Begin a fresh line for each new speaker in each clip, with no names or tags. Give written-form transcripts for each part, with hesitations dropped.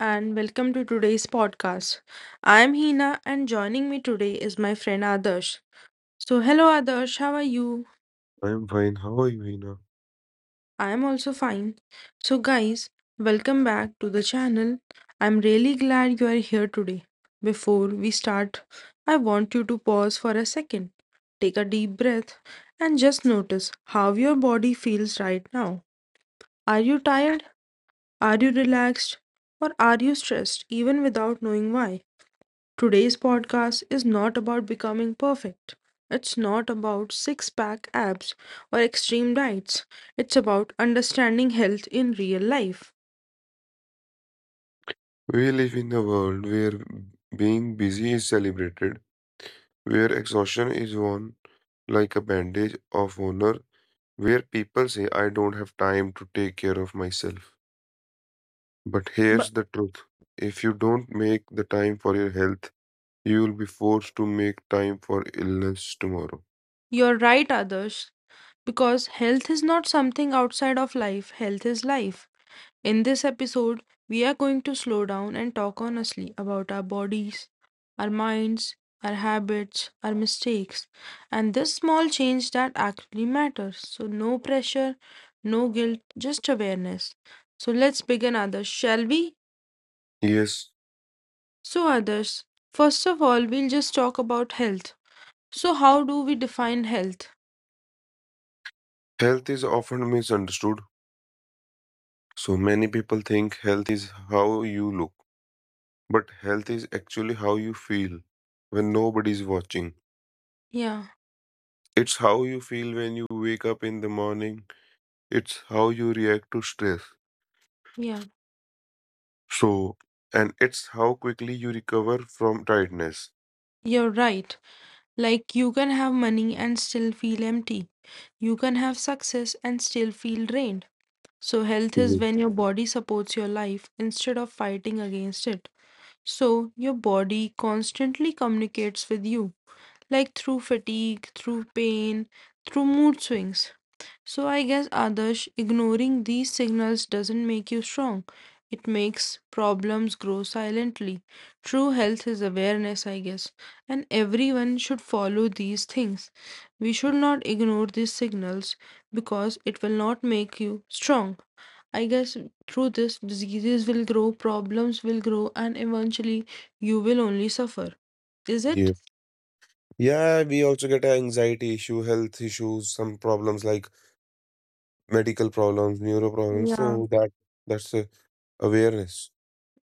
and welcome to today's podcast. I'm Hina, and joining me today is my friend Adarsh. So, hello, Adarsh, how are you?
I'm fine. How are you, Hina?
I am also fine. So, guys, welcome back to the channel. I'm really glad you are here today. Before we start, I want you to pause for a second, take a deep breath, and just notice how your body feels right now. Are you tired? Are you relaxed? Or are you stressed even without knowing why? Today's podcast is not about becoming perfect. It's not about six pack abs or extreme diets. It's about understanding health in real life.
We live in a world where being busy is celebrated, where exhaustion is worn like a bandage of honor, where people say, I don't have time to take care of myself. But
But
here's the truth, if you don't make the time for your health, you will be forced to make time for illness tomorrow.
you're right, others, because health is not something outside of life, health is life. In this episode, we are going to slow down and talk honestly about our bodies, our minds, our habits, our mistakes, and this small change that actually matters. So, no pressure, no guilt, just awareness. So, let's begin, others, shall we?
Yes,
So, others, first of all, we'll just talk about health. So, how do we define health?
health is often misunderstood. So many people think health is how you look. But health is actually how you feel when nobody's watching.
Yeah,
It's how you feel when you wake up in the morning. It's how you react to stress.
yeah,
So, and it's how quickly you recover from tiredness.
you're right. Like, you can have money and still feel empty. You can have success and still feel drained. So, health is
Mhm.
when your body supports your life instead of fighting against it. So, your body constantly communicates with you, like through fatigue, through pain, through mood swings. So I guess, Adarsh, ignoring these signals doesn't make you strong. It makes problems grow silently. True health is awareness, I guess, and everyone should follow these things. We should not ignore these signals because it will not make you strong. I guess through this, diseases will grow, problems will grow, and eventually you will only suffer. Is it?
Yeah. Yeah, we also get anxiety issue, health issues, some problems like medical problems, neuro problems.
Yeah.
So that's a awareness.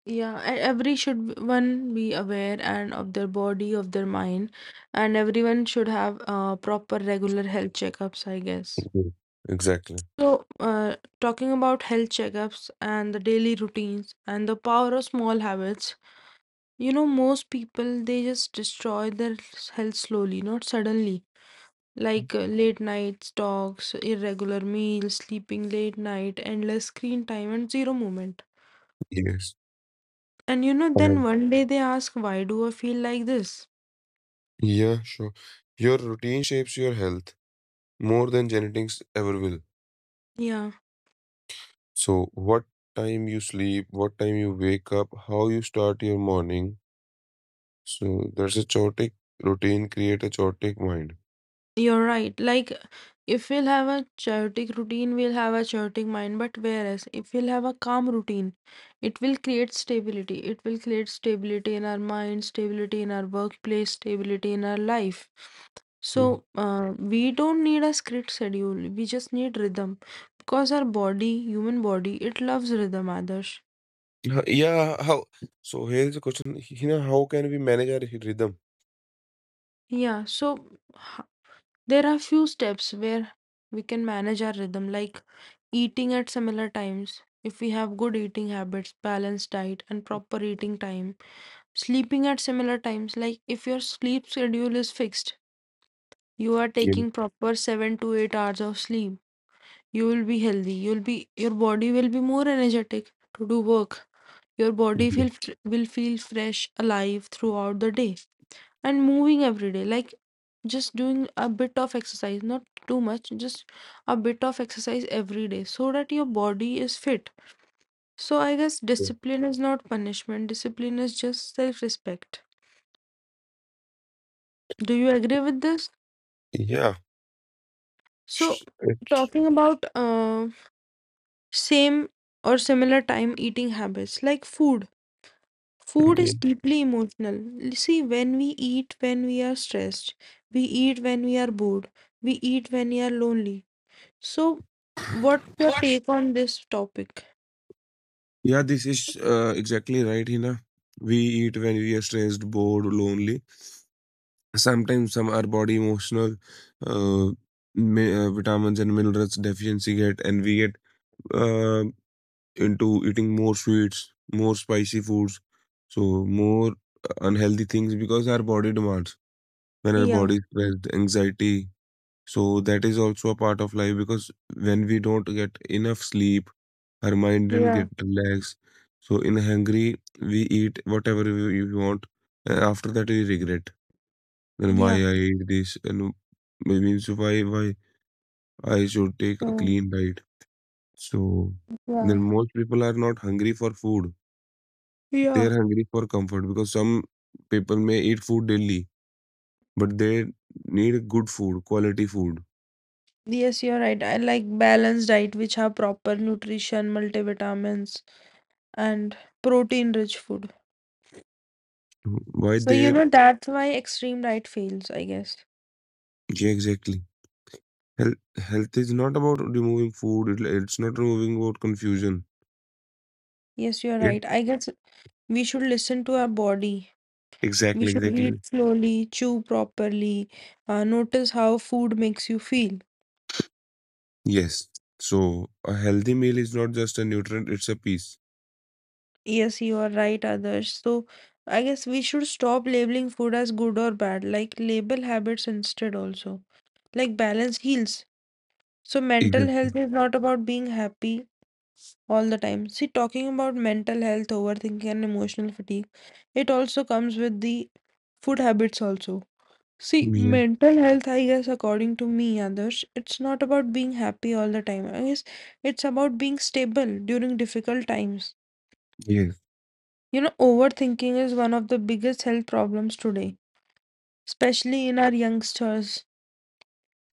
Yeah, and every should one be aware and of their body, of their mind, and everyone should have proper regular health checkups, I guess.
Mhm. Exactly.
So, talking about health checkups and the daily routines and the power of small habits, you know, most people they just destroy their health slowly, not suddenly. Like late nights, talks, irregular meals, sleeping late night, endless screen time, and zero movement.
Yes.
And you know, then
And
one day they ask, why do I feel like this?
yeah, sure. Your routine shapes your health more than genetics ever will.
Yeah,
So, what time you sleep, what time you wake up, how you start your morning. So, there's a chaotic routine, create a chaotic mind.
you're right. Like, if we'll have a chaotic routine, we'll have a chaotic mind. But whereas, if we'll have a calm routine, it will create stability. It will create stability in our mind, stability in our workplace, stability in our life.
Yeah.
So, we don't need a strict schedule. We just need rhythm because our body, human body, it loves rhythm, Adarsh.
Huh, yeah, how? So, here's a question. How can we manage our rhythm?
Yeah, so h- there are few steps where we can manage our rhythm, like eating at similar times. If we have good eating habits, balanced diet, and proper eating time, sleeping at similar times, like if your sleep schedule is fixed, you are
Yeah.
taking proper 7 to 8 hours of sleep, you will be healthy, you'll be your body will be more energetic to do work. Your body
Yeah.
will will feel fresh, alive throughout the day and moving every day. Like just doing a bit of exercise, not too much, just a bit of exercise every day so that your body is fit. So I guess
Yeah.
discipline is not punishment, discipline is just self respect. Do you agree with this?
Yeah.
So,
Sh- it-
talking about same or similar time eating habits like food. Food
yeah.
is deeply emotional. See, when we eat when we are stressed, we eat when we are bored, we eat when we are lonely. So, what's your
What?
take on this topic?
Yeah, this is exactly right, Hina. We eat when we are stressed, bored, lonely. Sometimes some our body emotional uh, vitamins and minerals deficiency get and we get uh, into eating more sweets, more spicy foods, so more unhealthy things, because our body demands when our
Yeah,
body is stressed, anxiety, so that is also a part of life. Because when we don't get enough sleep, our mind didn't
yeah,
get relaxed, so in hungry we eat whatever we want, and after that we regret then why
yeah.
I eat this, and maybe so why I should take a
So,
clean diet. So then
yeah.
most people are not hungry for food. They
Yeah.
are hungry for comfort, because some people may eat food daily, but they need good food, quality food.
Yes, you're right. I like balanced diet which have proper nutrition, multivitamins, and protein-rich food.
Why
So, you
they're,
know, that's why extreme diet fails, I guess.
yeah, exactly. Health is not about removing food. It's not removing about confusion.
Yes, you're
It,
right. I guess we should listen to our body. We
exactly,
should eat
exactly.
slowly, chew properly, notice how food makes you feel.
Yes. So a healthy meal is not just a nutrient; it's a piece.
Yes, you are right, others. So I guess we should stop labeling food as good or bad, like label habits instead also. Like balance heals. So mental
Exactly.
health is not about being happy all the time. See, talking about mental health, overthinking and emotional fatigue, it also comes with the food habits also. See,
Yeah.
mental health, I guess, according to me, others, it's not about being happy all the time. I guess it's about being stable during difficult times.
Yes.
You know, overthinking is one of the biggest health problems today, especially in our youngsters.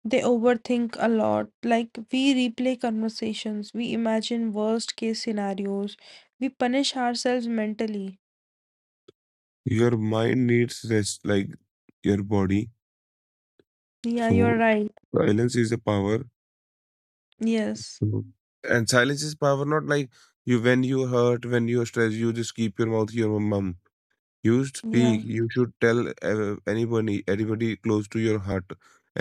They overthink a lot. Like, we replay conversations, we imagine worst case scenarios, we punish ourselves mentally.
Your mind needs rest like your body.
Yeah,
So
you're right.
silence is a power.
Yes.
Mhm. And silence is power, not like you when you hurt, when you're stressed, you just keep your mouth, your mum. You
Yeah,
speak. You should tell anybody, anybody close to your heart,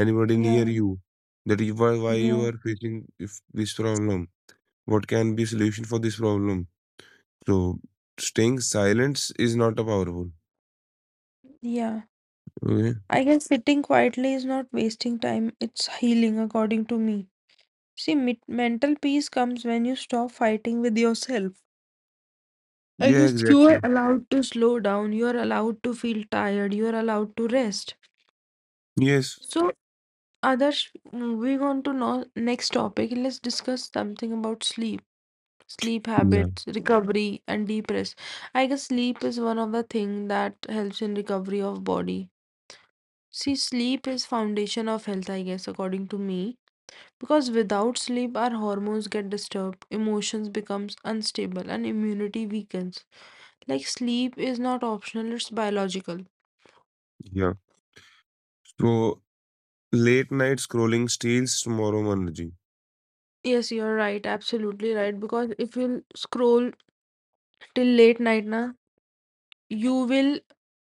anybody near
yeah,
you, that you, why you
yeah,
are facing if this problem. What can be solution for this problem? So staying silence is not a powerful.
yeah.
Okay.
I guess sitting quietly is not wasting time, it's healing, according to me. See, mental peace comes when you stop fighting with yourself. I
Yeah,
guess you are
exactly.
allowed to slow down, you are allowed to feel tired, you are allowed to rest.
Yes.
So, Adarsh, moving on to no next topic, let's discuss something about sleep, sleep
Yeah.
habits, recovery, and deep rest. I guess sleep is one of the thing that helps in recovery of body. See, sleep is foundation of health, I guess, according to me, because without sleep, our hormones get disturbed, emotions becomes unstable, and immunity weakens. Like sleep is not optional, it's biological.
Yeah. So late night scrolling steals tomorrow energy.
Yes, you're right. Absolutely right. Because if you'll scroll till late night, na, you will,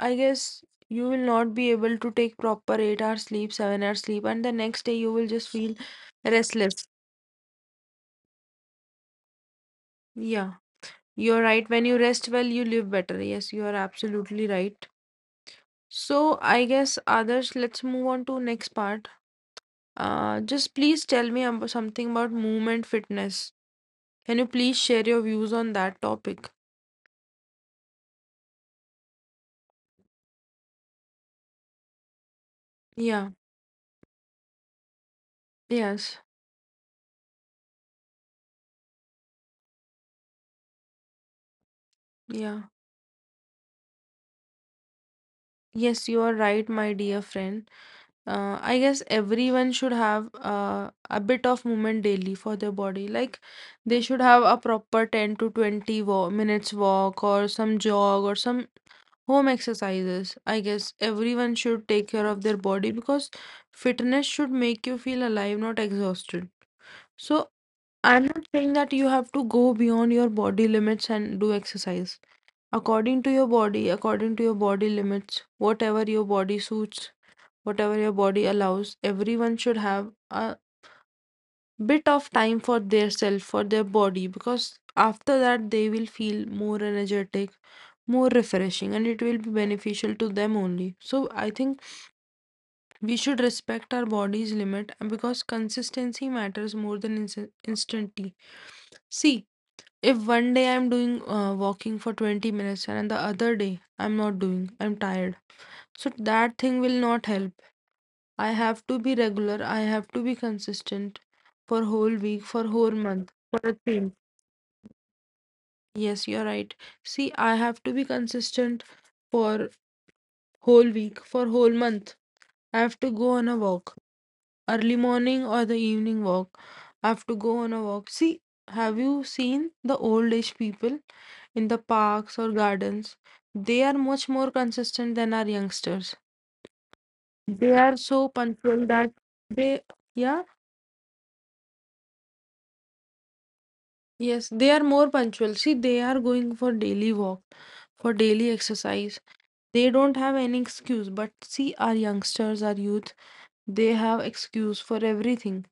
I guess, you will not be able to take proper 8 hours sleep, 7 hours sleep, and the next day you will just feel restless. Yeah, you're right. When you rest well, you live better. Yes, you are absolutely right. So I guess others, let's move on to next part. Just please tell me something about movement fitness. Can you please share your views on that topic? Yeah. Yes. Yeah. Yes, you are right, my dear friend. I guess everyone should have a bit of movement daily for their body. Like they should have a proper 10 to 20 wa minutes walk or some jog or some home exercises. I guess everyone should take care of their body because fitness should make you feel alive, not exhausted. So I'm not saying that you have to go beyond your body limits and do exercise according to your body, according to your body limits, whatever your body suits, whatever your body allows. Everyone should have a bit of time for their self, for their body, because after that they will feel more energetic, more refreshing, and it will be beneficial to them only. So I think we should respect our body's limit and because consistency matters more than instantly. See, if one day I'm doing walking for 20 minutes and the other day I'm not doing, I'm tired, so that thing will not help. I have to be regular. I have to be consistent for whole week, for whole month, for a thing. Yes, you're right. See, I have to be consistent for whole week, for whole month. I have to go on a walk, early morning or the evening walk. I have to go on a walk. See, have you seen the old age people in the parks or gardens? They are much more consistent than our youngsters. They are so punctual that they, yeah. Yes, they are more punctual. See, they are going for daily walk, for daily exercise. They don't have any excuse. But see, our youngsters, our youth, they have excuse for everything.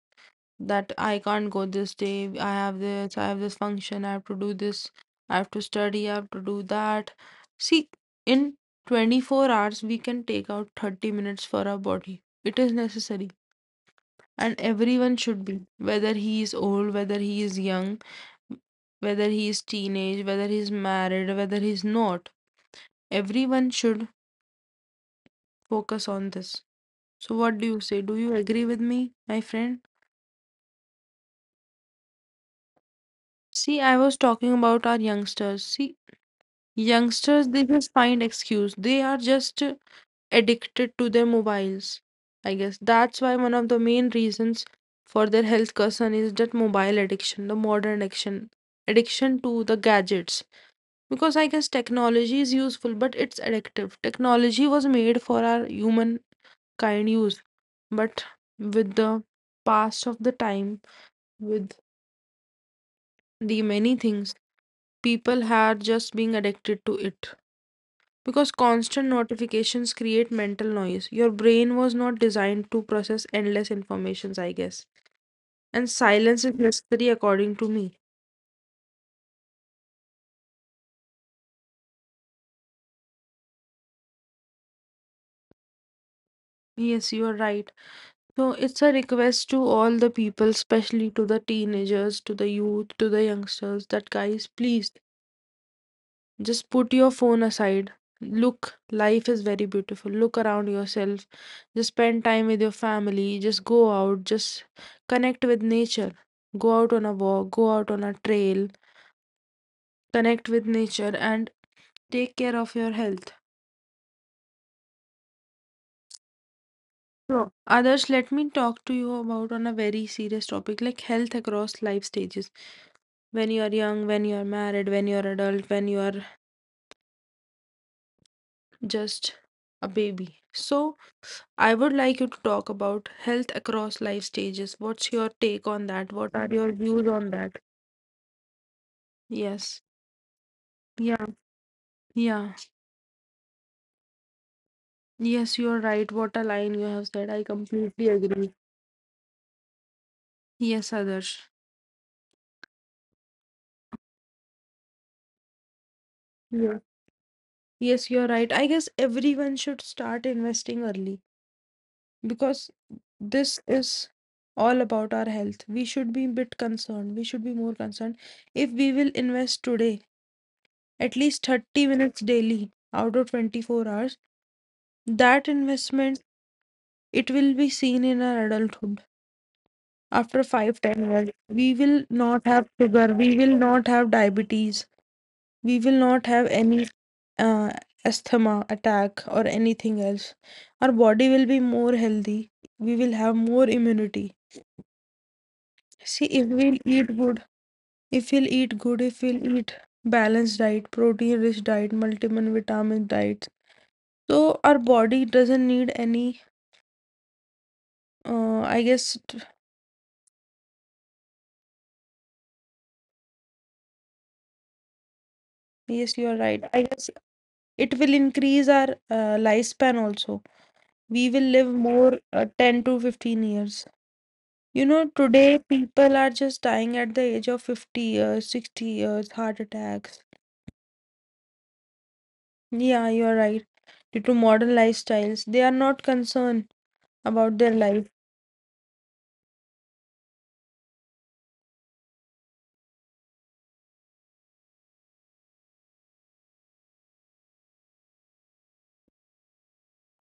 That I can't go this day. I have this. I have this function. I have to do this. I have to study. I have to do that. See, in 24 hours, we can take out 30 minutes for our body. It is necessary. And everyone should be, whether he is old, whether he is young, whether he is teenage, whether he's married, whether he's not. Everyone should focus on this. So what do you say? Do you agree with me, my friend? See, I was talking about our youngsters. See, youngsters they just find excuse. They are just addicted to their mobiles. I guess that's why one of the main reasons for their health concern is that mobile addiction, the modern addiction, addiction to the gadgets, because I guess technology is useful, but it's addictive. Technology was made for our human kind use, but with the pass of the time, with the many things, people are just being addicted to it. Because constant notifications create mental noise. Your brain was not designed to process endless informations, I guess. And silence is necessary according to me. Yes, you are right. So it's a request to all the people, especially to the teenagers, to the youth, to the youngsters, that guys, please just put your phone aside. Look, life is very beautiful. Look around yourself. Just spend time with your family. Just go out. Just connect with nature. Go out on a walk. Go out on a trail. Connect with nature and take care of your health. So, others, let me talk to you about on a very serious topic like health across life stages. When you are young, when you are married, when you are adult, when you are just a baby. So, I would like you to talk about health across life stages. What's your take on that? What are your views on that? Yes. Yeah. Yeah. Yes, you're right. What a line you have said. I completely agree. Yes, Adarsh. Yeah. Yes, you're right. I guess everyone should start investing early because this is all about our health. We should be a bit concerned. We should be more concerned. If we will invest today at least 30 minutes daily out of 24 hours, that investment it will be seen in our adulthood. After 5 10 years, we will not have sugar, we will not have diabetes, we will not have any uh, asthma attack or anything else. Our body will be more healthy, we will have more immunity. See, if we'll eat good, if we'll eat good, if we'll eat balanced diet, protein rich diet, multivitamin vitamin diet, so our body doesn't need any. Uh, I guess t- yes, you are right. I guess it will increase our lifespan also. We will live more 10 to 15 years. You know, today people are just dying at the age of 50 years, 60 years, heart attacks. Yeah, you are right. Due to modern lifestyles, they are not concerned about their life.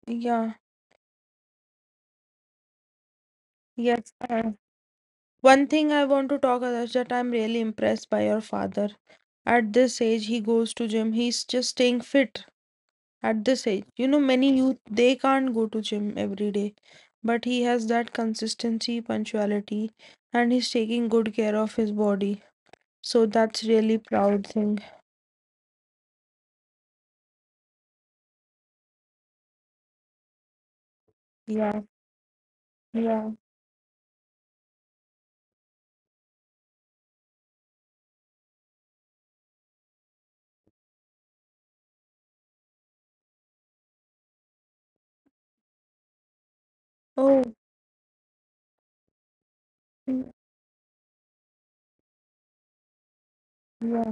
Yeah. Yes, sir. One thing I want to talk about is that I'm really impressed by your father. At this age, he goes to gym. He's just staying fit at this age. You know, many youth, they can't go to gym every day, but he has that consistency, punctuality, and he's taking good care of his body. So that's really proud thing. Yeah, yeah. Oh, mm, yeah,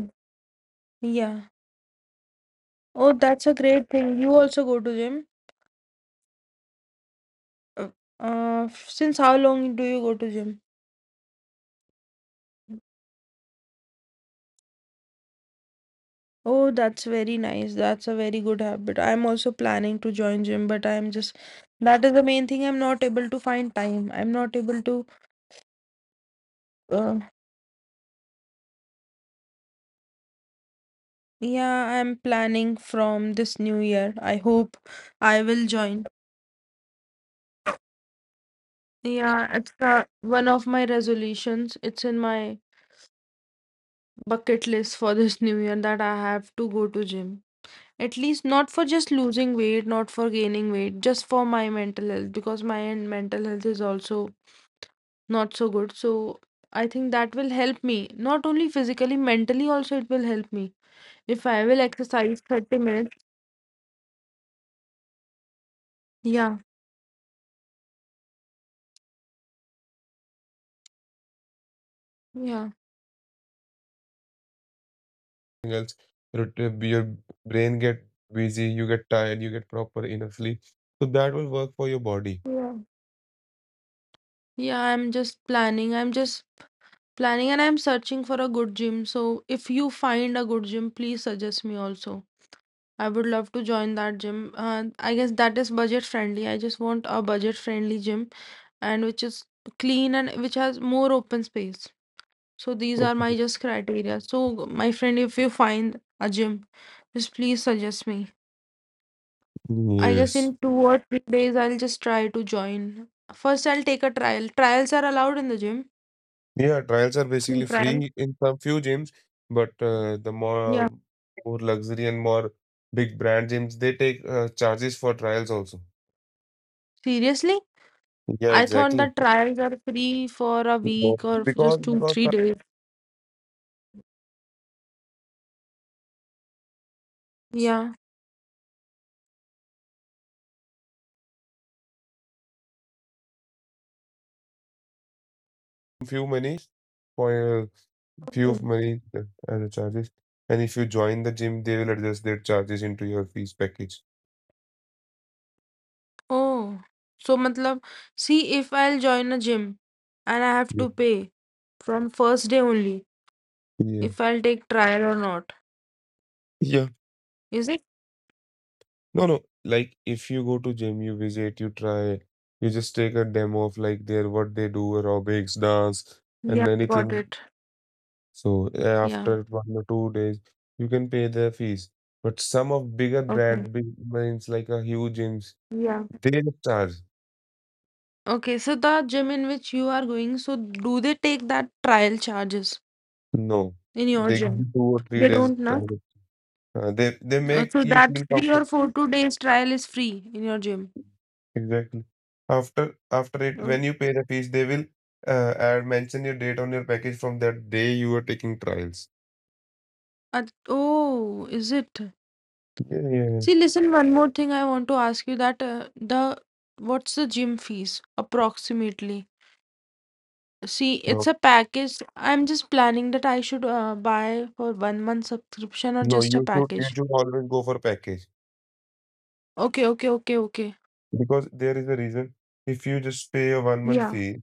yeah. Oh, that's a great thing. You also go to gym. Uh, since how long do you go to gym? Oh, that's very nice. That's a very good habit. I'm also planning to join gym, but I'm just that is the main thing. I'm not able to find time. I'm not able to. Uh, yeah, I'm planning from this new year. I hope I will join. Yeah, it's one of my resolutions. It's in my bucket list for this new year that I have to go to gym. At least not for just losing weight, not for gaining weight, just for my mental health because my mental health is also not so good. So I think that will help me not only physically, mentally also it will help me. If I will exercise 30 minutes, yeah, yeah,
Else your, your brain get busy, you get tired, you get proper enough sleep, so that will work for your body.
yeah, yeah, I'm just planning. I'm just planning and I'm searching for a good gym. So if you find a good gym, please suggest me also. I would love to join that gym. I guess that is budget friendly. I just want a budget friendly gym and which is clean and which has more open space. So these are my
Okay.
just criteria. So my friend, if you find a gym, just please suggest me. I guess
Yes.
in 2 or 3 days I'll just try to join. First I'll take a trial. Trials are allowed in the gym.
Yeah, trials are
Free
basically
trial.
free in some few gyms, but the more
Yeah.
more luxury and more big brand gyms, they take charges for trials also.
Seriously?
Yeah,
I thought
exactly,
that trials are free for a week or for just
because
two,
because
3 days. Yeah.
few monies for a few of money as a charges. And if you join the gym, they will adjust their charges into your fees package.
Oh. So matlab, see if I'll join a gym and I have
Yeah.
to pay from first day only
Yeah.
if I'll take trial or not.
Yeah.
Is it?
No, no. Like if you go to gym, you visit, you try, you just take a demo of like their what they do, aerobics, dance,
Yeah,
and
got
anything.
it.
So
Yeah.
after 1 or 2 days, you can pay their fees. But some of bigger
Okay.
brand, big brands like a huge gyms,
Yeah.
they charge.
Okay. So the gym in which you are going, so do they take that trial charges
No.
in your
They give
gym?
you two or three
They
days
don't, na?
trial. They make
So
you
that
feel
three or
comfort,
four two days trial is free in your gym.
exactly, after it
Oh,
when you pay the fees they will add mention your date on your package from that day you are taking trials.
At- oh, is it?
Yeah. Yeah. Yeah,
See, listen, one more thing I want to ask you that the what's the gym fees approximately? See, it's
bro.
a package. I'm just planning that I should buy for 1 month subscription or
No,
just a
you should you
package.
should always go for package,
Okay, okay, okay, okay.
because there is a reason. If you just pay a 1 month
Yeah,
fee,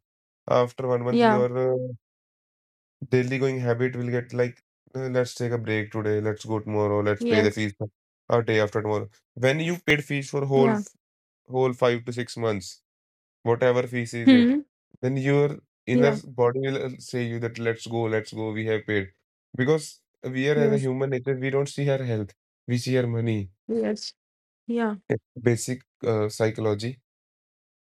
after 1 month
yeah,
your daily going habit will get like, let's take a break today, let's go tomorrow, let's pay the
yes,
fees for- a day after tomorrow. When you paid fees for whole
yeah.
whole 5 to 6 months, whatever feces it,
Hmm.
then your inner
Yeah,
body will say you that, let's go, we have paid. Because we are, as a
yes,
human nature, we don't see our health, we see our money.
yes, yeah.
It's basic psychology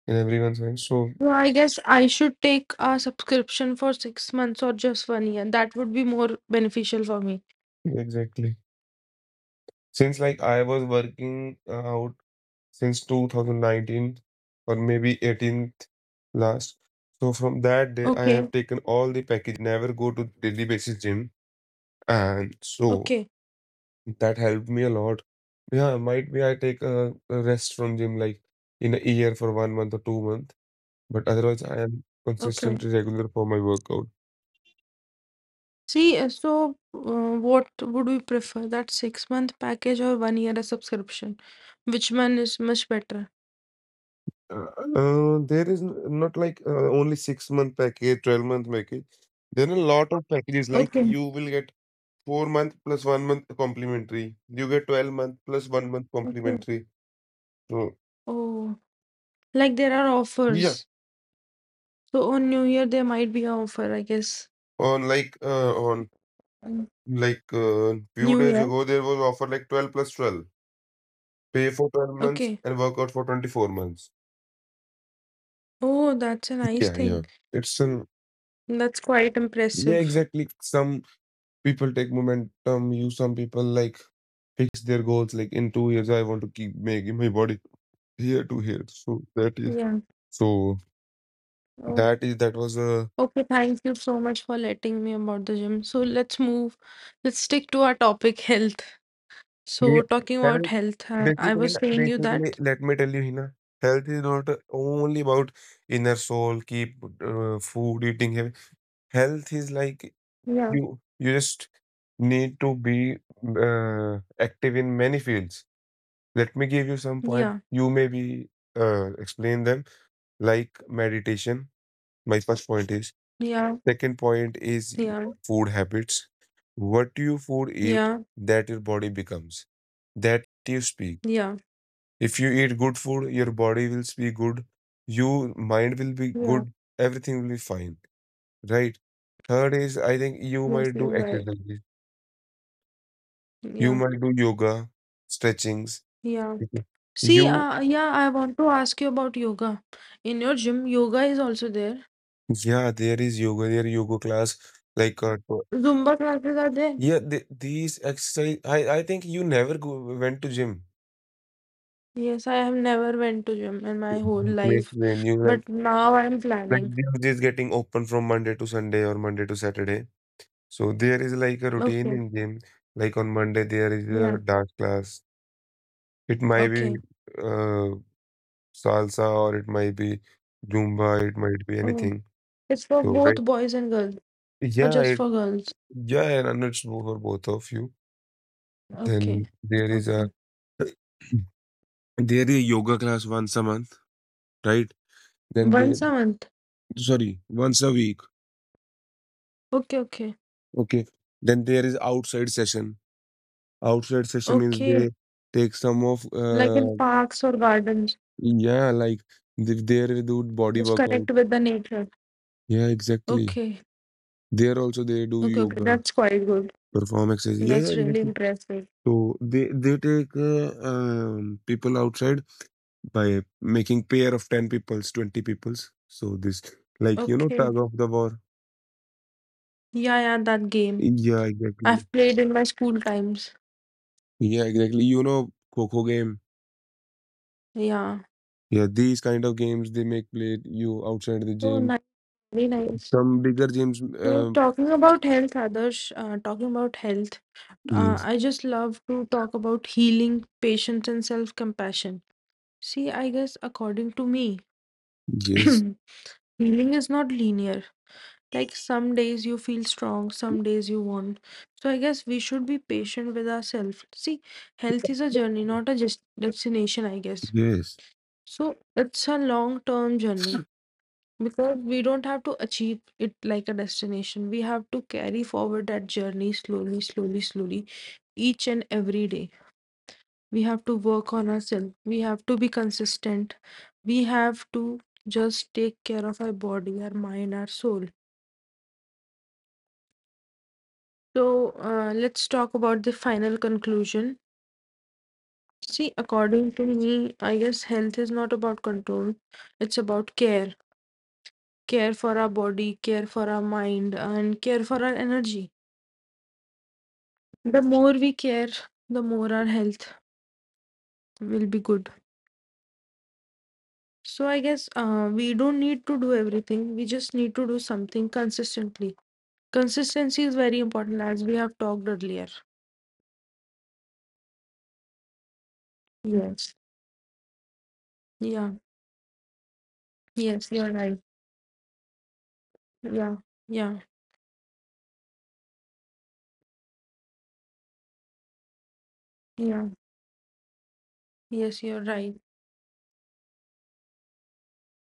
in everyone's mind. So
So I guess I should take a subscription for 6 months or just 1 year. That would be more beneficial for me.
exactly. Since like I was working out since 2019 or maybe 18th last. So from that day, I have
Okay,
taken all the packages. I'd never go to daily basis gym. And so
okay,
that helped me a lot. Yeah, might be I take a rest from gym like in a year for 1 month or 2 month, but otherwise I am
okay.
consistently regular for my workout.
See, what would we prefer? That 6 month package or 1 year a subscription? Which one is much better?
Uh, there is not like only 6 month package, 12-month package. There are a lot of packages like
Okay,
you will get 4 month plus 1 month complimentary. You get 12-month plus 1 month
okay.
complimentary. So
Oh, like there are
yeah,
offers. So on New Year there might be an offer, I guess.
on like uh, on
Mm.
like uh, few
New
days
Year.
ago there was offer like 12 plus 12. Pay for 12 months
Okay.
and work out for 24 months.
Oh, that's a nice
Yeah, yeah.
thing.
It's an,
That's quite
yeah,
impressive.
exactly. Some people take momentum, you, some people like fix their goals like in 2 years I want to keep making my body here to here.
Yeah.
So
Oh,
that was a,
okay. Thank you so much for letting me about the gym. So let's move. Let's stick to our topic, health. So
yeah.
talking about
Health
health, I
basically,
was saying you
basically
that.
let me tell you, Hina, health is not only about inner soul, keep food, eating healthy. Health is like
Yeah.
you just need to be active in many fields. Let me give you some point.
Yeah.
You maybe explain them, like meditation. My first point is.
Yeah.
Second point is
Yeah.
your food habits. What you food eat,
Yeah.
that your body becomes. That you speak.
Yeah.
If you eat good food, your body will speak good. You mind will be
Yeah.
good. Everything will be fine, right? Third is I think you
Yes,
might
you're
do
right.
exercise. You
Yeah.
might do yoga, stretchings.
Yeah.
Mhm.
See,
You,
yeah, I want to ask you about yoga. In your gym, yoga is also there.
yeah, there is yoga, there yoga class, like,
Zumba classes are there.
yeah, these exercise. I think you never went to gym.
Yes, I have never went to gym in my whole
Makes
life,
when you
but now I'm
like
planning.
gym is getting open from Monday to Sunday, or Monday to Saturday. So there is like a routine
Okay.
in gym. Like on Monday, there is
Yeah.
a dance class. It might be
Okay.
uh, salsa, or it might be Zumba, it might be
Oh,
anything.
it's for
So,
both
right.
boys and girls, or
Yeah,
just
it.
for girls?
Yeah, and it's for both of you.
Okay.
Then there is a
Okay.
there is a yoga class once a month, right? Then there,
Once a month.
sorry, once a week.
Okay, okay.
Okay. Then there is outside session. Outside session means
Okay.
they take some of,
Like in
uh,
parks or gardens,
yeah, like they do body
just
workout.
connect with the nature.
Yeah, exactly.
Okay.
There also they do
Okay, okay.
yoga,
That's quite good.
perform exercise. Yeah, yeah,
That's really
exactly.
impressive.
So they take people outside by making pair of 10 peoples, 20 peoples, so this, like, you know,
Okay.
tug of the war,
Yeah, yeah, that game.
yeah, exactly,
I've played in my school times.
yeah, exactly, you know, coco game,
Yeah.
yeah, these kind of games they make play you outside the
Oh,
gym,
nice. Very nice.
some bigger gyms,
So
um,
talking about health, Adarsh, talking about health,
yes,
I just love to talk about healing, patience, and self-compassion. See, I guess according to me,
yes,
healing is not linear. Like some days you feel strong, some days you won't. So I guess we should be patient with ourselves. See, health is a journey, not a just destination, I guess.
yes
So it's a long-term journey. Because we don't have to achieve it like a destination. We have to carry forward that journey slowly, slowly, slowly, each and every day. We have to work on ourselves. We have to be consistent. We have to just take care of our body, our mind, our soul. So, let's talk about the final conclusion. See, according to me, I guess health is not about control, it's about care. Care for our body, care for our mind, and care for our energy the more we care, the more our health will be good. So I guess we don't need to do everything. We just need to do something consistently. Consistency is very important, as we have talked earlier. Yes. Yeah. Yes, you're right. Yeah. Yeah. Yeah. Yes, you're right.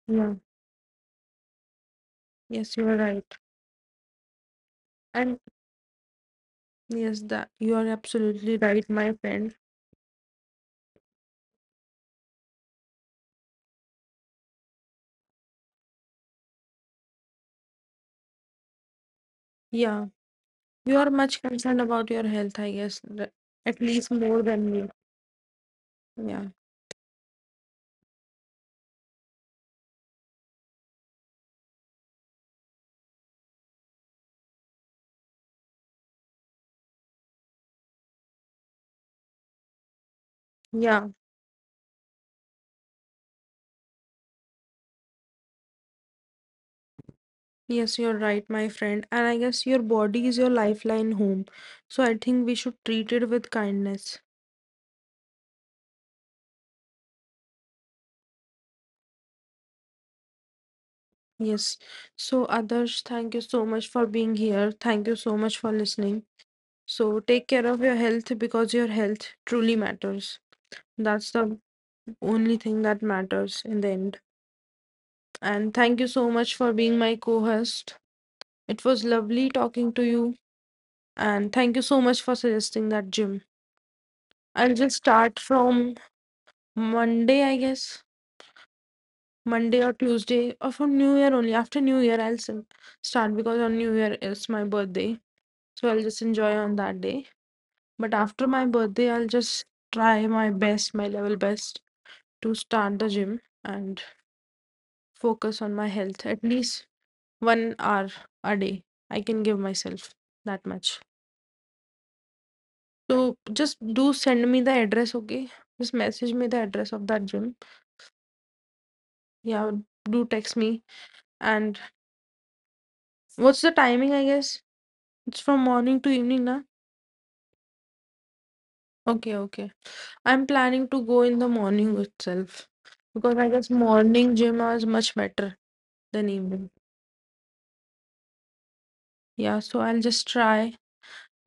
Yeah. Yes, you're right. And yes, that you are absolutely right, my friend. Yeah. You are much concerned about your health, I guess, at least more than me. Yeah. Yeah. Yes, you're right, my friend. And I guess your body is your lifeline home. So I think we should treat it with kindness. Yes. So, Adarsh, thank you so much for being here. Thank you so much for listening. So, take care of your health because your health truly matters. That's the only thing that matters in the end. And thank you so much for being my co host. It was lovely talking to you. And thank you so much for suggesting that gym. I'll just start from Monday, I guess. Monday or Tuesday or from New Year only. After New Year, I'll start because on New Year is my birthday. So I'll just enjoy on that day. But after my birthday, I'll just try my best, my level best to start the gym and focus on my health at least 1 hour a day. I can give myself that much. So just do send me the address, okay? Just message me the address of that gym. Yeah, do text me. And what's the timing, I guess? It's from morning to evening, na? Okay, okay. I'm planning to go in the morning itself because I guess morning gym is much better than evening. Yeah, so I'll just try.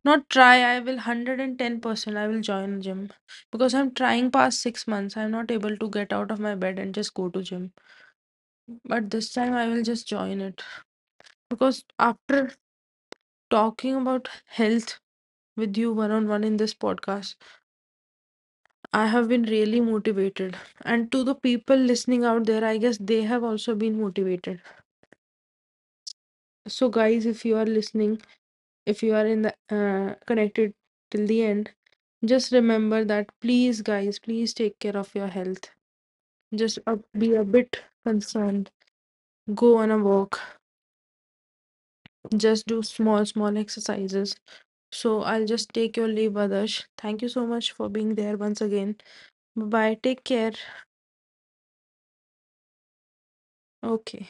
Not try, I will 110% I will join gym because I'm trying past 6 months. I'm not able to get out of my bed and just go to gym. But this time I will just join it because after talking about health with you one on one in this podcast, I have been really motivated. And to the people listening out there, I guess they have also been motivated. So, guys, if you are listening, if you are in the connected till the end, just remember that please, guys, please take care of your health. Just be a bit concerned. Go on a walk. Just do small, small exercises. So, I'll just take your leave, Adarsh. Thank you so much for being there once again. Bye bye. Take care. Okay.